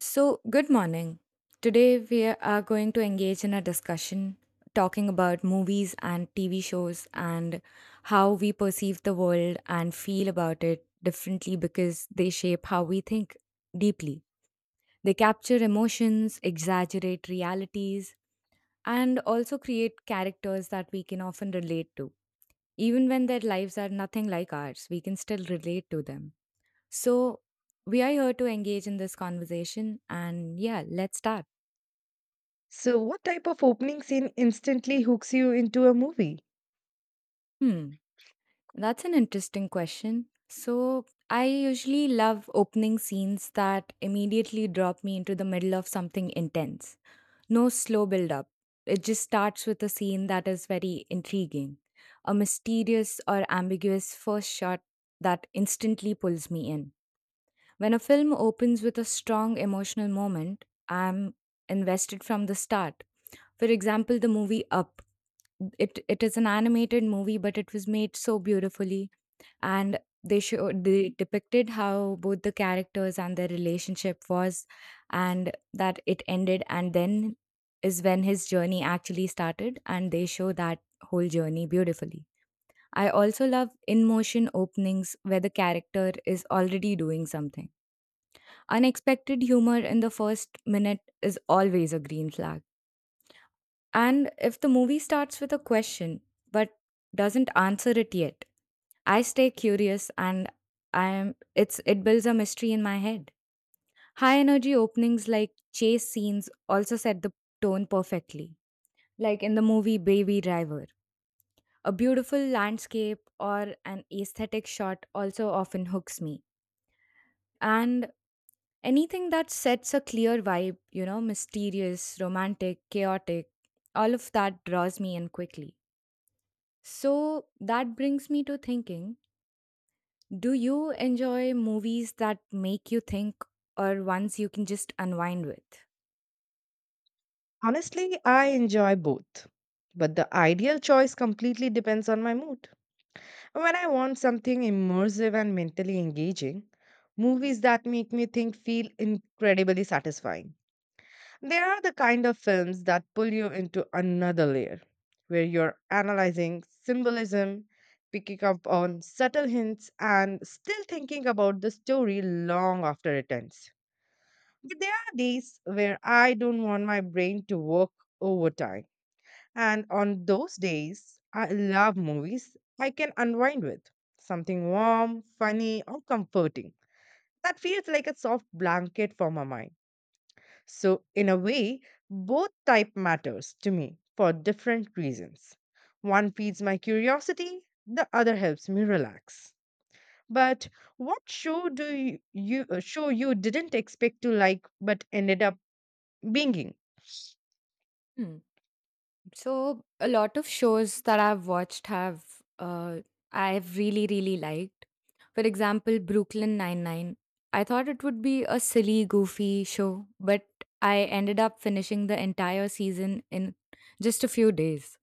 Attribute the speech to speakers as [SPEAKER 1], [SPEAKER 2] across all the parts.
[SPEAKER 1] So, good morning. Today we are going to engage in a discussion talking about movies and TV shows and how we perceive the world and feel about it differently because they shape how we think deeply. They capture emotions, exaggerate realities, and also create characters that we can often relate to. Even when their lives are nothing like ours, we can still relate to them. So, we are here to engage in this conversation, and yeah, let's start.
[SPEAKER 2] So, what type of opening scene instantly hooks you into a movie?
[SPEAKER 1] Hmm, that's an interesting question. So, I usually love opening scenes that immediately drop me into the middle of something intense. No slow build up. It just starts with a scene that is very intriguing, a mysterious or ambiguous first shot that instantly pulls me in. When a film opens with a strong emotional moment, I'm invested from the start. For example, the movie Up. It is an animated movie, but it was made so beautifully and they depicted how both the characters and their relationship was, and that it ended, and then is when his journey actually started, and they show that whole journey beautifully. I also love in motion openings where the character is already doing something unexpected. Humor in the first minute is always a green flag. And if the movie starts with a question but doesn't answer it yet, I stay curious and I am it's it builds a mystery in my head. High energy openings like chase scenes also set the tone perfectly. Like in the movie Baby Driver, a beautiful landscape or an aesthetic shot also often hooks me. And anything that sets a clear vibe, you know, mysterious, romantic, chaotic, all of that draws me in quickly. So that brings me to thinking, do you enjoy movies that make you think or ones you can just unwind with?
[SPEAKER 2] Honestly, I enjoy both. But the ideal choice completely depends on my mood. When I want something immersive and mentally engaging, movies that make me think feel incredibly satisfying. They are the kind of films that pull you into another layer, where you're analyzing symbolism, picking up on subtle hints, and still thinking about the story long after it ends. But there are days where I don't want my brain to work overtime. And on those days, I love movies I can unwind with something warm, funny, or comforting. That feels like a soft blanket for my mind. So, in a way, both type matters to me for different reasons. One feeds my curiosity, the other helps me relax. But what show do you, you show you didn't expect to like but ended up binging.
[SPEAKER 1] Hmm. So a lot of shows that I've watched have I've really, really liked. For example, Brooklyn Nine Nine. I thought it would be a silly, goofy show, but I ended up finishing the entire season in just a few days.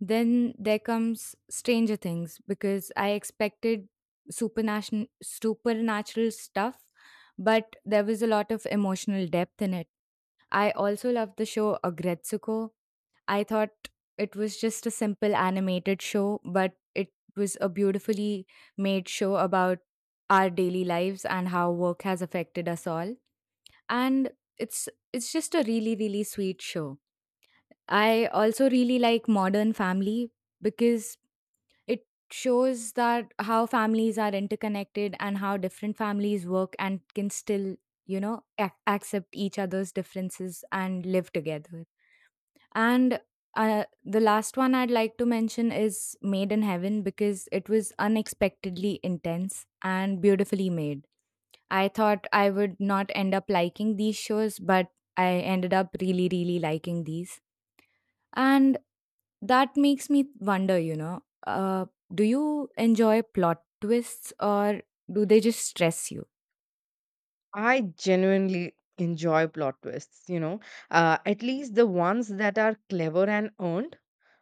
[SPEAKER 1] Then there comes Stranger Things because I expected supernatural stuff, but there was a lot of emotional depth in it. I also loved the show Agretsuko. I thought it was just a simple animated show, but it was a beautifully made show about our daily lives and how work has affected us all. And it's just a really, really sweet show. I also really like Modern Family because it shows that how families are interconnected and how different families work and can still, you know, accept each other's differences and live together. And the last one I'd like to mention is Made in Heaven because it was unexpectedly intense and beautifully made. I thought I would not end up liking these shows, but I ended up really, really liking these. And that makes me wonder, you know, do you enjoy plot twists or do they just stress you?
[SPEAKER 2] I genuinely enjoy plot twists, you know, at least the ones that are clever and earned.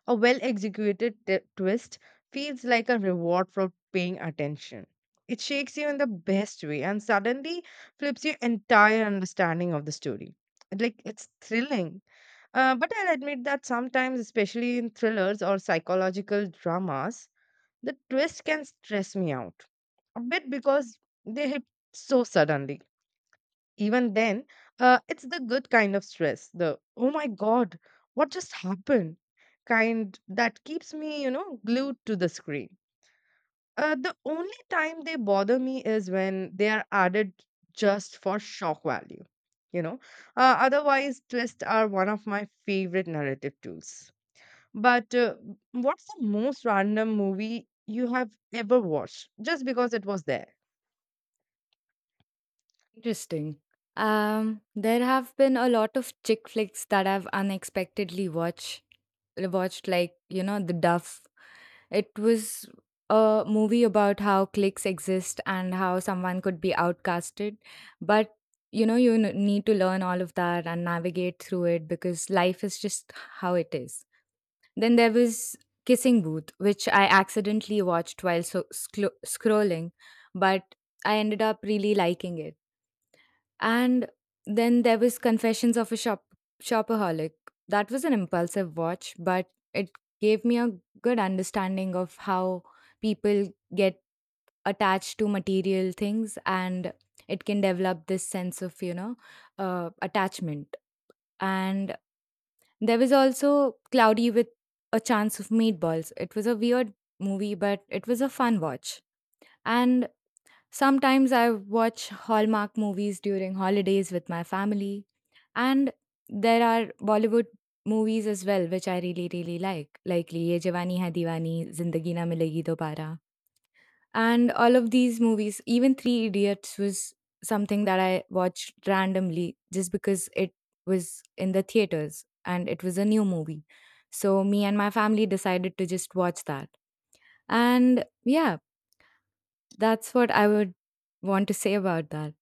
[SPEAKER 2] A well executed twist feels like a reward for paying attention. It shakes you in the best way and suddenly flips your entire understanding of the story. Like it's thrilling. But I'll admit that sometimes, especially in thrillers or psychological dramas, the twist can stress me out a bit because they hit so suddenly. Even then, it's the good kind of stress, the oh my god, what just happened kind that keeps me, you know, glued to the screen. The only time they bother me is when they are added just for shock value, you know. Otherwise, twists are one of my favorite narrative tools. But what's the most random movie you have ever watched just because it was there?
[SPEAKER 1] Interesting. There have been a lot of chick flicks that I've unexpectedly watched like, you know, The Duff. It was a movie about how cliques exist and how someone could be outcasted, but you know you need to learn all of that and navigate through it because life is just how it is. Then there was Kissing Booth, which I accidentally watched while scrolling, but I ended up really liking it. And then there was Confessions of a Shopaholic. That was an impulsive watch, but it gave me a good understanding of how people get attached to material things, and it can develop this sense of, you know, attachment. And there was also Cloudy with a Chance of Meatballs. It was a weird movie, but it was a fun watch. And sometimes I watch Hallmark movies during holidays with my family. And there are Bollywood movies as well, which I really, really like Liye Jawani Hai Diwani, Zindagi Na Milegi Dobara, and all of these movies. Even three idiots was something that I watched randomly just because it was in the theaters and it was a new movie, so me and my family decided to just watch that. And yeah, that's what I would want to say about that.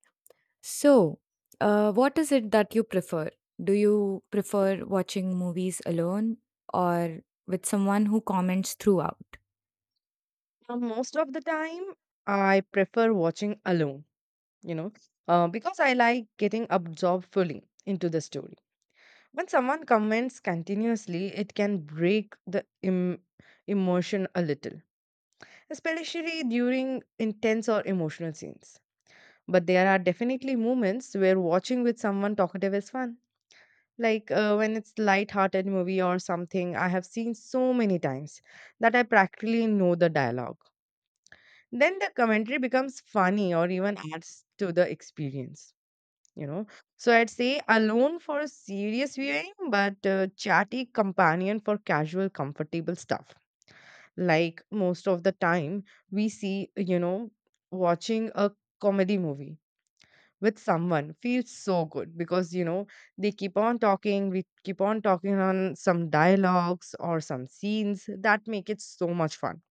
[SPEAKER 1] So, what is it that you prefer? Do you prefer watching movies alone or with someone who comments throughout?
[SPEAKER 2] Most of the time, I prefer watching alone, you know, because I like getting absorbed fully into the story. When someone comments continuously, it can break the emotion a little, especially during intense or emotional scenes. But there are definitely moments where watching with someone talkative is fun. Like when it's light-hearted movie or something I have seen so many times that I practically know the dialogue. Then the commentary becomes funny or even adds to the experience, you know. So I'd say alone for serious viewing, but a chatty companion for casual comfortable stuff. Like, most of the time, we see, you know, watching a comedy movie with someone feels so good because, you know, they keep on talking, we keep on talking on some dialogues or some scenes that make it so much fun.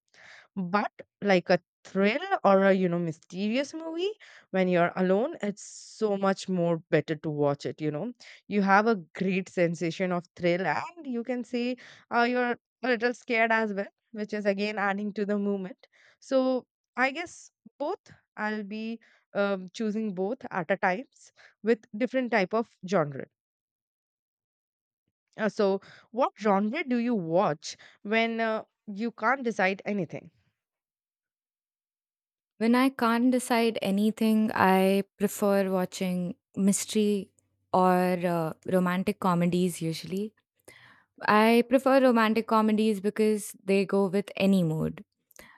[SPEAKER 2] But like a thrill or a, you know, mysterious movie, when you're alone, it's so much more better to watch it, you know. You have a great sensation of thrill, and you can say, you're a little scared as well, which is again adding to the moment. So I guess both, I'll be choosing both at a times with different type of genre. So what genre do you watch when you can't decide anything?
[SPEAKER 1] When I can't decide anything, I prefer watching mystery or romantic comedies usually. I prefer romantic comedies because they go with any mood.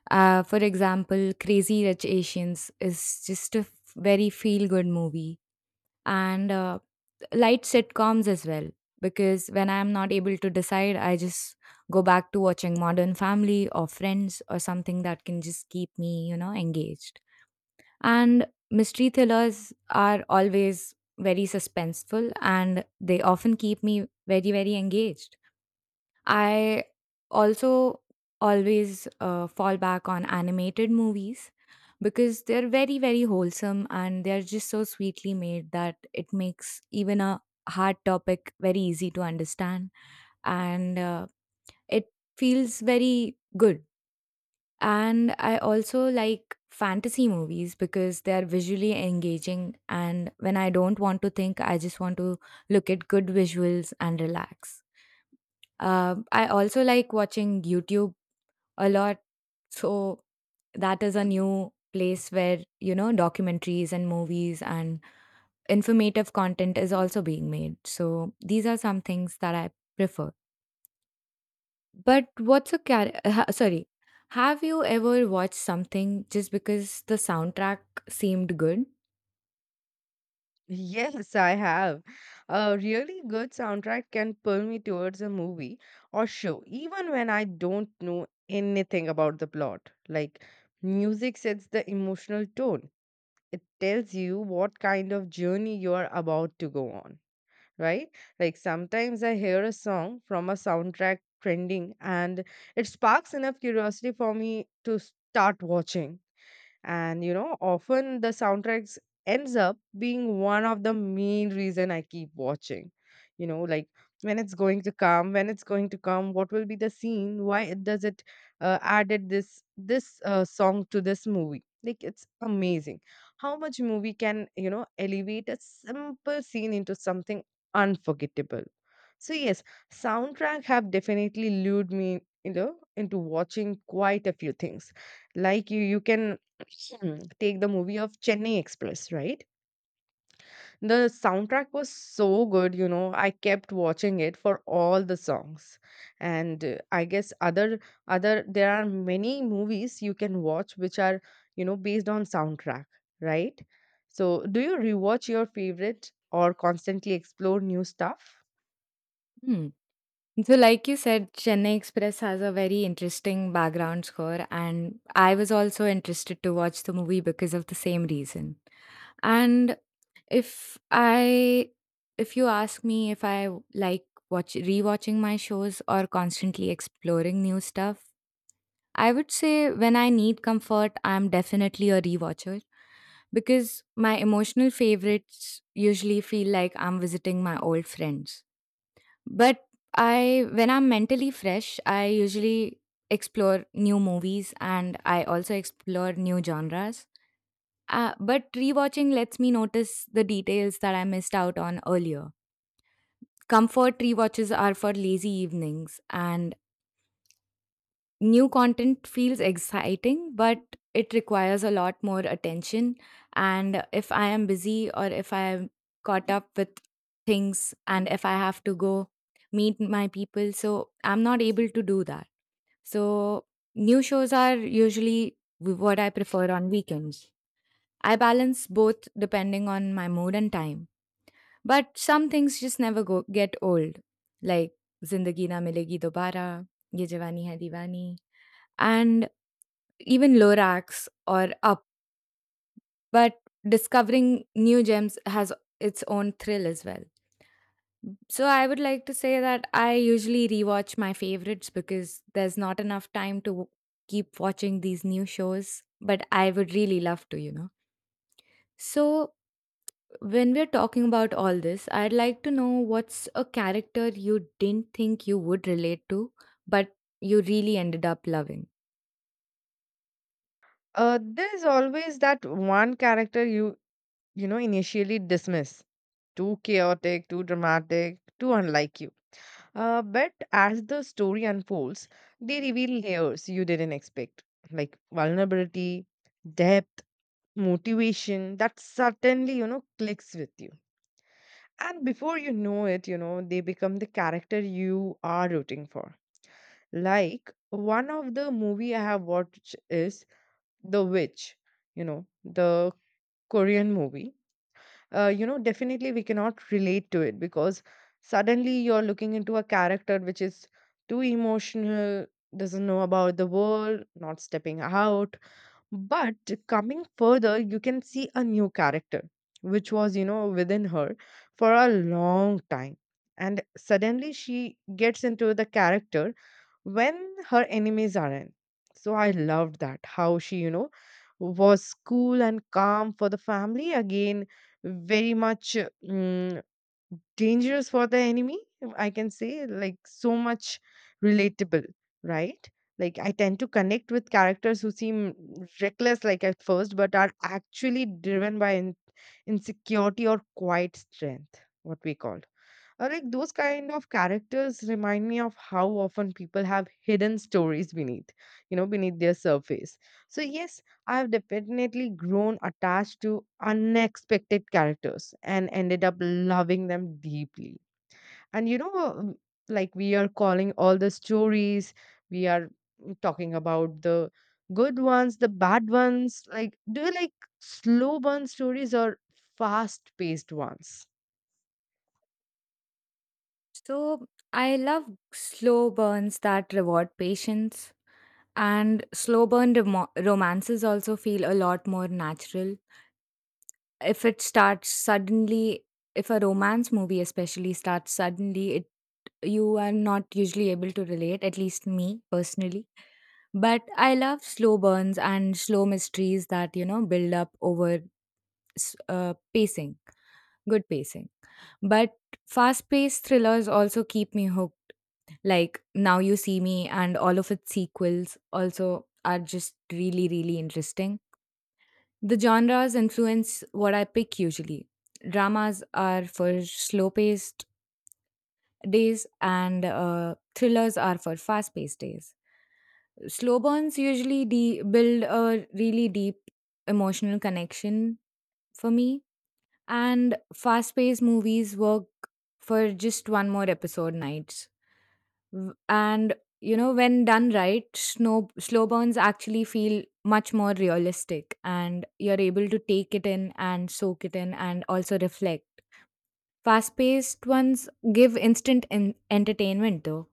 [SPEAKER 1] For example, Crazy Rich Asians is just a very feel good movie, and light sitcoms as well. Because when I'm not able to decide, I just go back to watching Modern Family or Friends or something that can just keep me, you know, engaged. And mystery thrillers are always very suspenseful and they often keep me very, very engaged. I also always fall back on animated movies because they're very, very wholesome and they're just so sweetly made that it makes even a hard topic very easy to understand. And it feels very good. And I also like fantasy movies because they are visually engaging. And when I don't want to think, I just want to look at good visuals and relax. I also like watching YouTube a lot. So that is a new place where, you know, documentaries and movies and informative content is also being made. So these are some things that I prefer. But what's a char- ha- sorry, have you ever watched something just because the soundtrack seemed good?
[SPEAKER 2] Yes, I have. A really good soundtrack can pull me towards a movie or show, even when I don't know anything about the plot. Like, music sets the emotional tone, it tells you what kind of journey you are about to go on, right? Like, sometimes I hear a song from a soundtrack trending and it sparks enough curiosity for me to start watching. And, you know, often the soundtracks ends up being one of the main reason I keep watching, you know. Like, when it's going to come, when it's going to come, what will be the scene, why it does it, added this song to this movie. Like, it's amazing how much movie can, you know, elevate a simple scene into something unforgettable. So yes, soundtrack have definitely lured me, you know, into watching quite a few things. Like, take the movie of Chennai Express, right? The soundtrack was so good, you know. I kept watching it for all the songs. And I guess other other there are many movies you can watch which are, you know, based on soundtrack, right? So, do you rewatch your favorite or constantly explore new stuff?
[SPEAKER 1] Hmm. So, like you said, Chennai Express has a very interesting background score, and I was also interested to watch the movie because of the same reason. And if I, if you ask me if I like watch rewatching my shows or constantly exploring new stuff, I would say when I need comfort, I'm definitely a rewatcher because my emotional favorites usually feel like I'm visiting my old friends. But I when I'm mentally fresh, I usually explore new movies and I also explore new genres. But rewatching lets me notice the details that I missed out on earlier. Comfort rewatches are for lazy evenings, and new content feels exciting, but it requires a lot more attention. And if I am busy, or if I am caught up with things, and if I have to go meet my people, so I'm not able to do that. So, new shows are usually what I prefer on weekends. I balance both depending on my mood and time. But some things just never go get old, like Zindagi Na Milegi Dobara, Ye Jawani Hai Diwani, and even Lorax or Up, but discovering new gems has its own thrill as well. So I would like to say that I usually rewatch my favorites because there's not enough time to keep watching these new shows, but I would really love to, you know. So when we're talking about all this, I'd like to know what's a character you didn't think you would relate to, but you really ended up loving.
[SPEAKER 2] There is always that one character you, you know, initially dismiss. Too chaotic, too dramatic, too unlike you. But as the story unfolds, they reveal layers you didn't expect, like vulnerability, depth, motivation that certainly, you know, clicks with you. And before you know it, you know, they become the character you are rooting for. Like one of the movie I have watched is The Witch, you know, the Korean movie. You know, definitely we cannot relate to it because suddenly you're looking into a character which is too emotional, doesn't know about the world, not stepping out. But coming further, you can see a new character which was, you know, within her for a long time. And suddenly she gets into the character when her enemies aren't. So I loved that how she, you know, was cool and calm for the family. Again, very much dangerous for the enemy. I can say like so much relatable, right? Like I tend to connect with characters who seem reckless, like at first, but are actually driven by insecurity or quiet strength, what we call. Like those kind of characters remind me of how often people have hidden stories beneath, you know, beneath their surface. So yes, I have definitely grown attached to unexpected characters and ended up loving them deeply. And, you know, like we are calling all the stories, we are talking about the good ones, the bad ones. Like, do you like slow burn stories or fast paced ones?
[SPEAKER 1] So I love slow burns that reward patience, and slow burn romances also feel a lot more natural. If it starts suddenly, if a romance movie especially starts suddenly, it you are not usually able to relate, at least me personally. But I love slow burns and slow mysteries that, you know, build up over pacing, good pacing. But fast paced thrillers also keep me hooked. Like Now You See Me and all of its sequels also are just really, really interesting. The genres influence what I pick usually. Dramas are for slow paced days, and thrillers are for fast paced days. Slow burns usually build a really deep emotional connection for me, and fast paced movies work for just one more episode nights. And you know, when done right, slow burns actually feel much more realistic and you're able to take it in and soak it in and also reflect. Fast paced ones give instant entertainment though.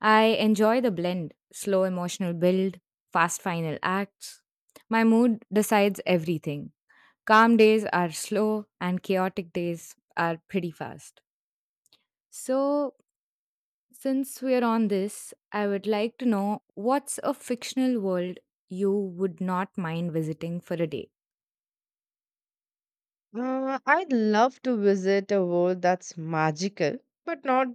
[SPEAKER 1] I enjoy the blend: slow emotional build, fast final acts. My mood decides everything. Calm days are slow, and chaotic days are pretty fast. So, since we're on this, I would like to know what's a fictional world you would not mind visiting for a day?
[SPEAKER 2] I'd love to visit a world that's magical, but not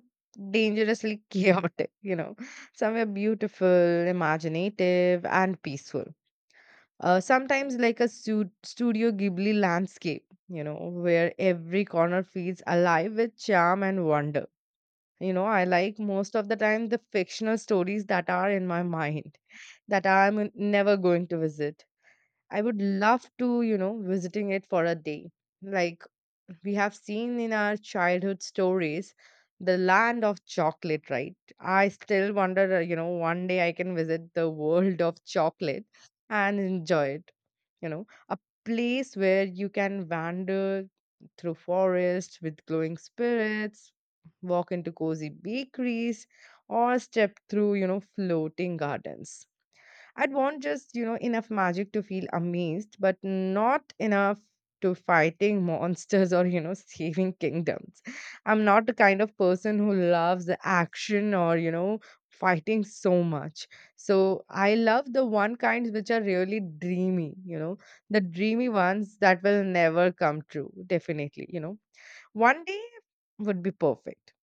[SPEAKER 2] dangerously chaotic, you know, somewhere beautiful, imaginative, and peaceful. Sometimes like a Studio Ghibli landscape, you know, where every corner feels alive with charm and wonder. You know, I like most of the time the fictional stories that are in my mind that I'm never going to visit. I would love to, you know, visiting it for a day. Like, we have seen in our childhood stories the land of chocolate, right? I still wonder, you know, one day I can visit the world of chocolate and enjoy it, you know. A place where you can wander through forests with glowing spirits, walk into cozy bakeries, or step through, you know, floating gardens. I'd want just, you know, enough magic to feel amazed, but not enough to fighting monsters or, you know, saving kingdoms. I'm not the kind of person who loves the action or, you know, fighting so much. So I love the one kinds which are really dreamy, you know, the dreamy ones that will never come true, definitely, you know. One day would be perfect,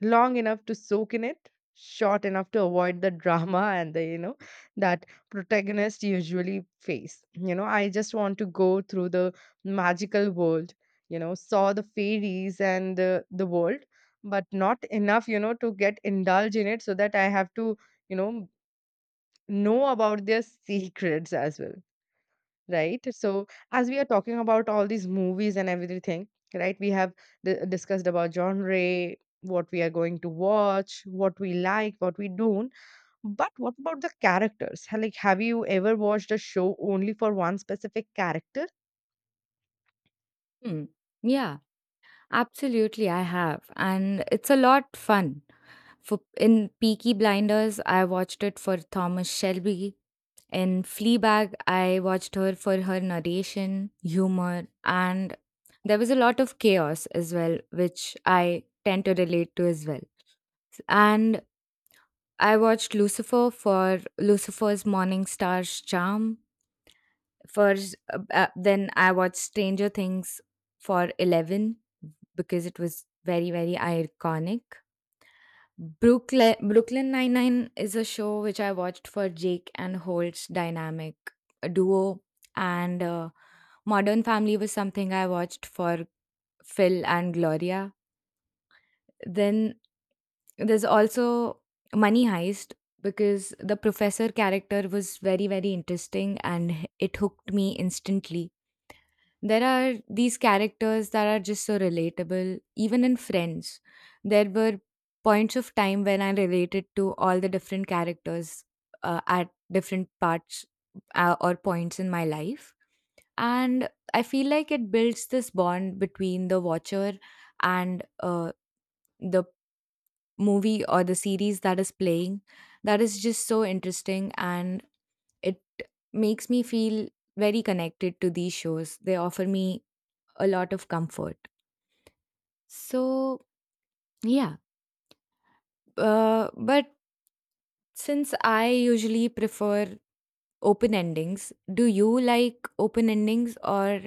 [SPEAKER 2] long enough to soak in it, short enough to avoid the drama and the, that protagonist usually face, you know. I just want to go through the magical world, you know, saw the fairies and the world, but not enough, you know, to get indulged in it so that I have to, you know about their secrets as well. Right? So, as we are talking about all these movies and everything, right? We have discussed about genre, what we are going to watch, what we like, what we don't. But what about the characters? Like, have you ever watched a show only for one specific character?
[SPEAKER 1] Hmm. Yeah, absolutely, I have. And it's a lot fun. For in Peaky Blinders, I watched it for Thomas Shelby. In Fleabag, I watched her for her narration, humor, and there was a lot of chaos as well, which I tend to relate to as well. And I watched Lucifer for Lucifer's Morning Star's charm. For Then I watched Stranger Things for Eleven because it was very very iconic. Brooklyn Nine Nine is a show which I watched for Jake and Holt's dynamic duo, and Modern Family was something I watched for Phil and Gloria. Then there's also Money Heist because the professor character was very very interesting and it hooked me instantly. There are these characters that are just so relatable, even in Friends. There were points of time when I related to all the different characters at different parts or points in my life. And I feel like it builds this bond between the watcher and the movie or the series that is playing that is just so interesting and it makes me feel very connected to these shows. They offer me a lot of comfort. So, yeah. But since I usually prefer open endings, do you like open endings or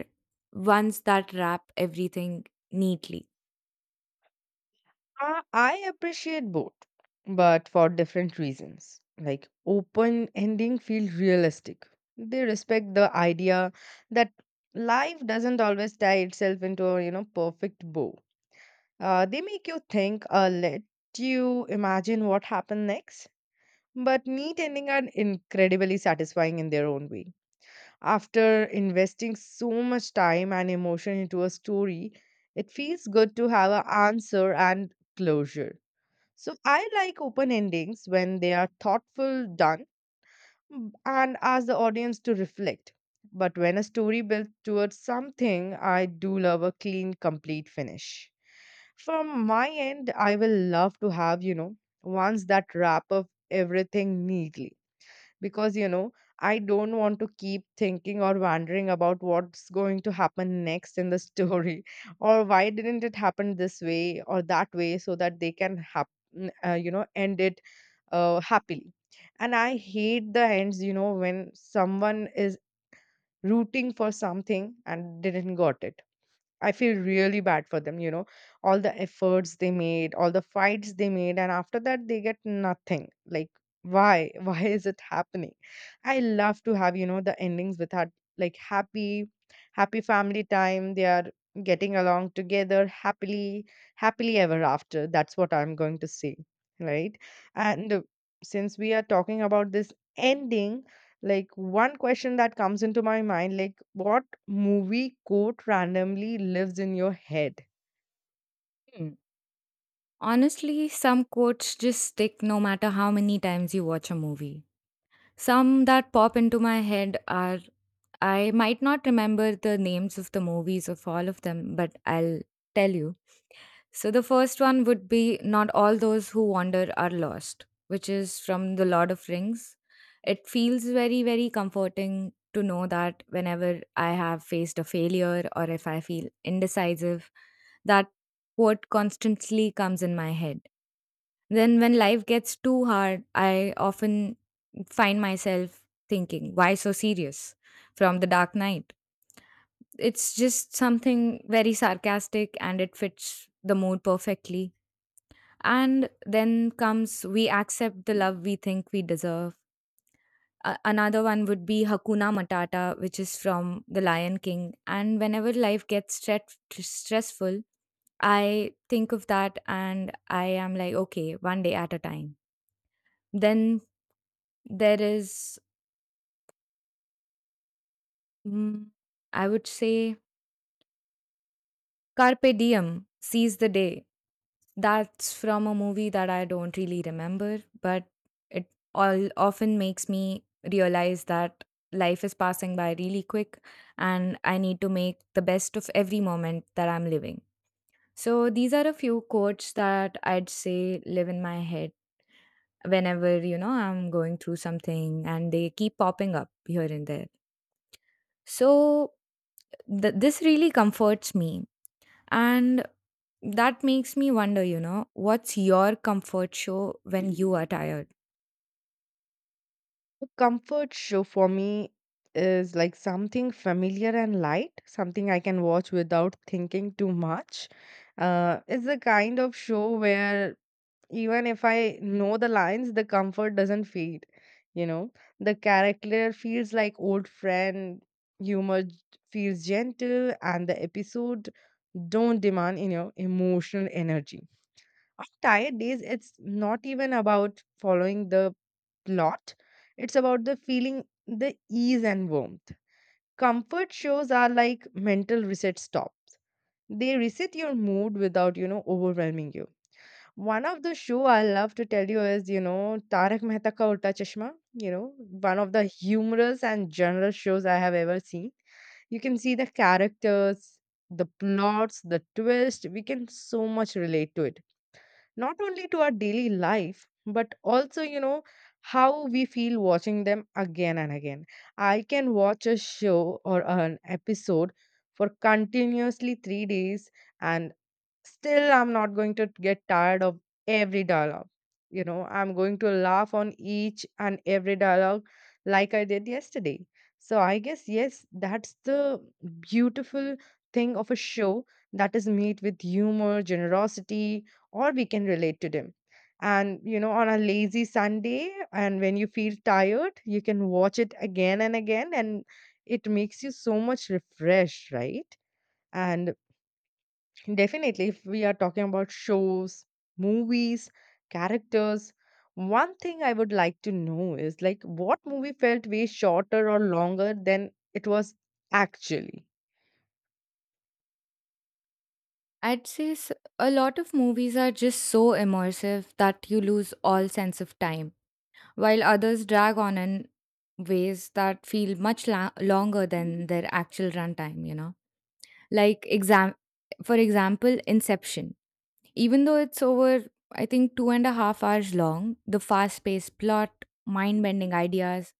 [SPEAKER 1] ones that wrap everything neatly?
[SPEAKER 2] I appreciate both, but for different reasons. Like open ending feel realistic. They respect the idea that life doesn't always tie itself into a, perfect bow. They make you think or let you imagine what happened next. But neat ending are incredibly satisfying in their own way. After investing so much time and emotion into a story, it feels good to have an answer and closure. So I like open endings when they are thoughtful, done, and ask the audience to reflect. But when a story builds towards something, I do love a clean, complete finish. From my end, I will love to have, you know, ones that wrap up everything neatly because, you know, I don't want to keep thinking or wondering about what's going to happen next in the story or why didn't it happen this way or that way so that they can you know end it, happily. And I hate the ends, you know, when someone is rooting for something and didn't got it. I feel really bad for them, you know, all the efforts they made, all the fights they made, and after that, they get nothing. Like, why? Why is it happening? I love to have, you know, the endings with her, like happy, happy family time. They are getting along together happily, happily ever after. That's what I'm going to say, right? And since we are talking about this ending, like one question that comes into my mind, like what movie quote randomly lives in your head?
[SPEAKER 1] Hmm. Honestly, some quotes just stick no matter how many times you watch a movie. Some that pop into my head are, I might not remember the names of the movies of all of them, but I'll tell you. So the first one would be "Not All Those Who Wander Are Lost," which is from The Lord of Rings. It feels very, very comforting to know that whenever I have faced a failure or if I feel indecisive, that quote constantly comes in my head. Then, when life gets too hard, I often find myself thinking, "Why so serious?" from The Dark Knight. It's just something very sarcastic and it fits the mood perfectly, and then comes "we accept the love we think we deserve." A Another one would be Hakuna Matata, which is from The Lion King. And whenever life gets stressful, I think of that and I am like, okay, one day at a time. Then there is, mm, I would say, Carpe Diem, Seize the Day. That's from a movie that I don't really remember, but it all often makes me realize that life is passing by really quick and I need to make the best of every moment that I'm living. So these are a few quotes that I'd say live in my head whenever, you know, I'm going through something and they keep popping up here and there. So this really comforts me, and that makes me wonder, you know, what's your comfort show when you are tired?
[SPEAKER 2] Comfort show for me is like something familiar and light, something I can watch without thinking too much. It's the kind of show where even if I know the lines, the comfort doesn't fade. You know, the character feels like old friend, humor feels gentle, and the episode don't demand, you know, emotional energy. On tired days, it's not even about following the plot. It's about the feeling, the ease and warmth. Comfort shows are like mental reset stops. They reset your mood without, you know, overwhelming you. One of the show I love to tell you is, you know, Tarak Mehta Ka Ulta Chashma. You know, one of the humorous and general shows I have ever seen. You can see the characters, the plots, the twist. We can so much relate to it, not only to our daily life, but also, you know, how we feel watching them again and again. I can watch a show or an episode for continuously 3 days, and still, I'm not going to get tired of every dialogue. You know, I'm going to laugh on each and every dialogue like I did yesterday. So I guess, yes, that's the beautiful thing of a show that is made with humor, generosity, or we can relate to them. And, you know, on a lazy Sunday, and when you feel tired, you can watch it again and again, and it makes you so much refreshed, right? And definitely, if we are talking about shows, movies, characters, one thing I would like to know is like what movie felt way shorter or longer than it was actually?
[SPEAKER 1] I'd say s- a lot of movies are just so immersive that you lose all sense of time, while others drag on in ways that feel much longer than their actual runtime, you know. Like, for example, Inception. Even though it's over, I think, 2.5 hours long, the fast paced plot, mind bending ideas,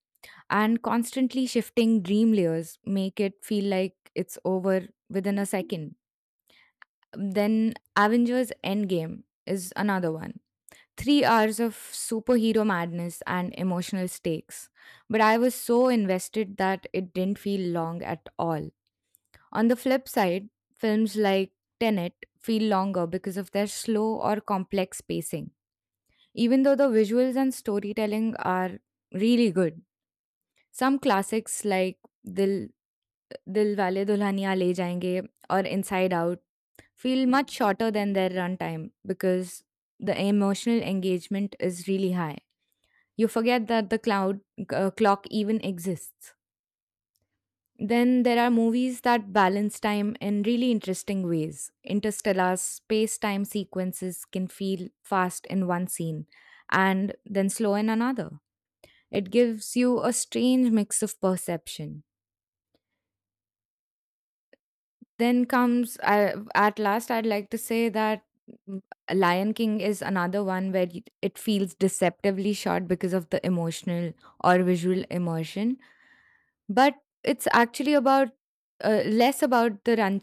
[SPEAKER 1] and constantly shifting dream layers make it feel like it's over within a second. Then Avengers Endgame is another one. 3 hours of superhero madness and emotional stakes. But I was so invested that it didn't feel long at all. On the flip side, films like Tenet feel longer because of their slow or complex pacing, even though the visuals and storytelling are really good. Some classics like Dil Dil Wale Dulhania Le Jayenge or Inside Out feel much shorter than their runtime because the emotional engagement is really high. You forget that the cloud clock even exists. Then there are movies that balance time in really interesting ways. Interstellar's space time sequences can feel fast in one scene and then slow in another. It gives you a strange mix of perception. Then comes, at last I'd like to say that, mm, Lion King is another one where it feels deceptively short because of the emotional or visual immersion, but it's actually about less about the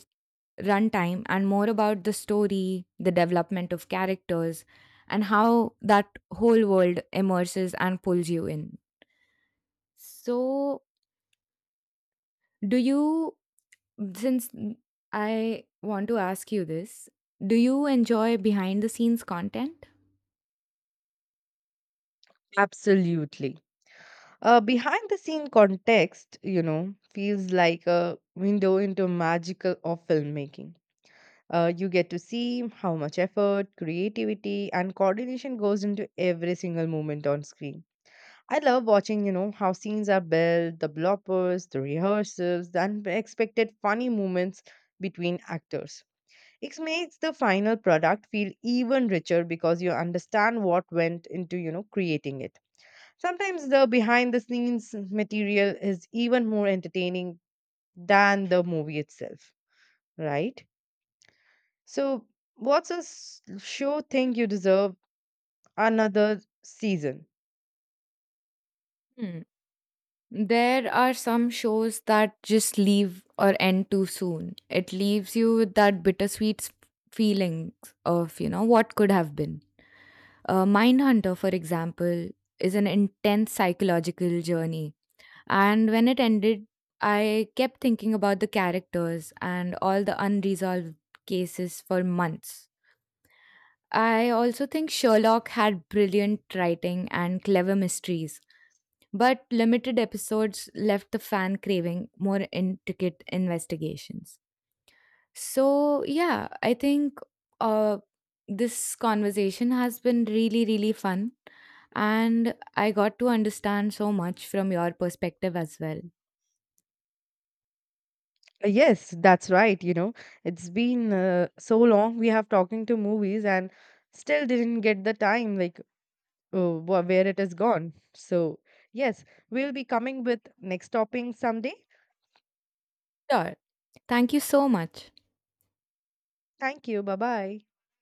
[SPEAKER 1] runtime and more about the story, the development of characters, and how that whole world immerses and pulls you in. So, do you Since mm, I want to ask you this, do you enjoy behind the scenes content?
[SPEAKER 2] Absolutely. Behind the scene context, you know, feels like a window into magical of filmmaking. You get to see how much effort, creativity, and coordination goes into every single moment on screen. I love watching, you know, how scenes are built, the bloopers, the rehearsals, the unexpected funny moments between actors. It makes the final product feel even richer because you understand what went into, you know, creating it. Sometimes the behind the scenes material is even more entertaining than the movie itself, right? So, what's a show think you deserve another season?
[SPEAKER 1] Hmm. There are some shows that just leave or end too soon. It leaves you with that bittersweet feeling of, you know, what could have been. Mindhunter, for example, is an intense psychological journey. And when it ended, I kept thinking about the characters and all the unresolved cases for months. I also think Sherlock had brilliant writing and clever mysteries, but limited episodes left the fan craving more intricate investigations. So, yeah, I think uh, this conversation has been really, really fun, and I got to understand so much from your perspective as well.
[SPEAKER 2] Yes, that's right. You know, it's been so long we have talking to movies and still didn't get the time, like, where it is gone. So, yes, we'll be coming with next topping someday.
[SPEAKER 1] Sure. Thank you so much.
[SPEAKER 2] Thank you. Bye bye.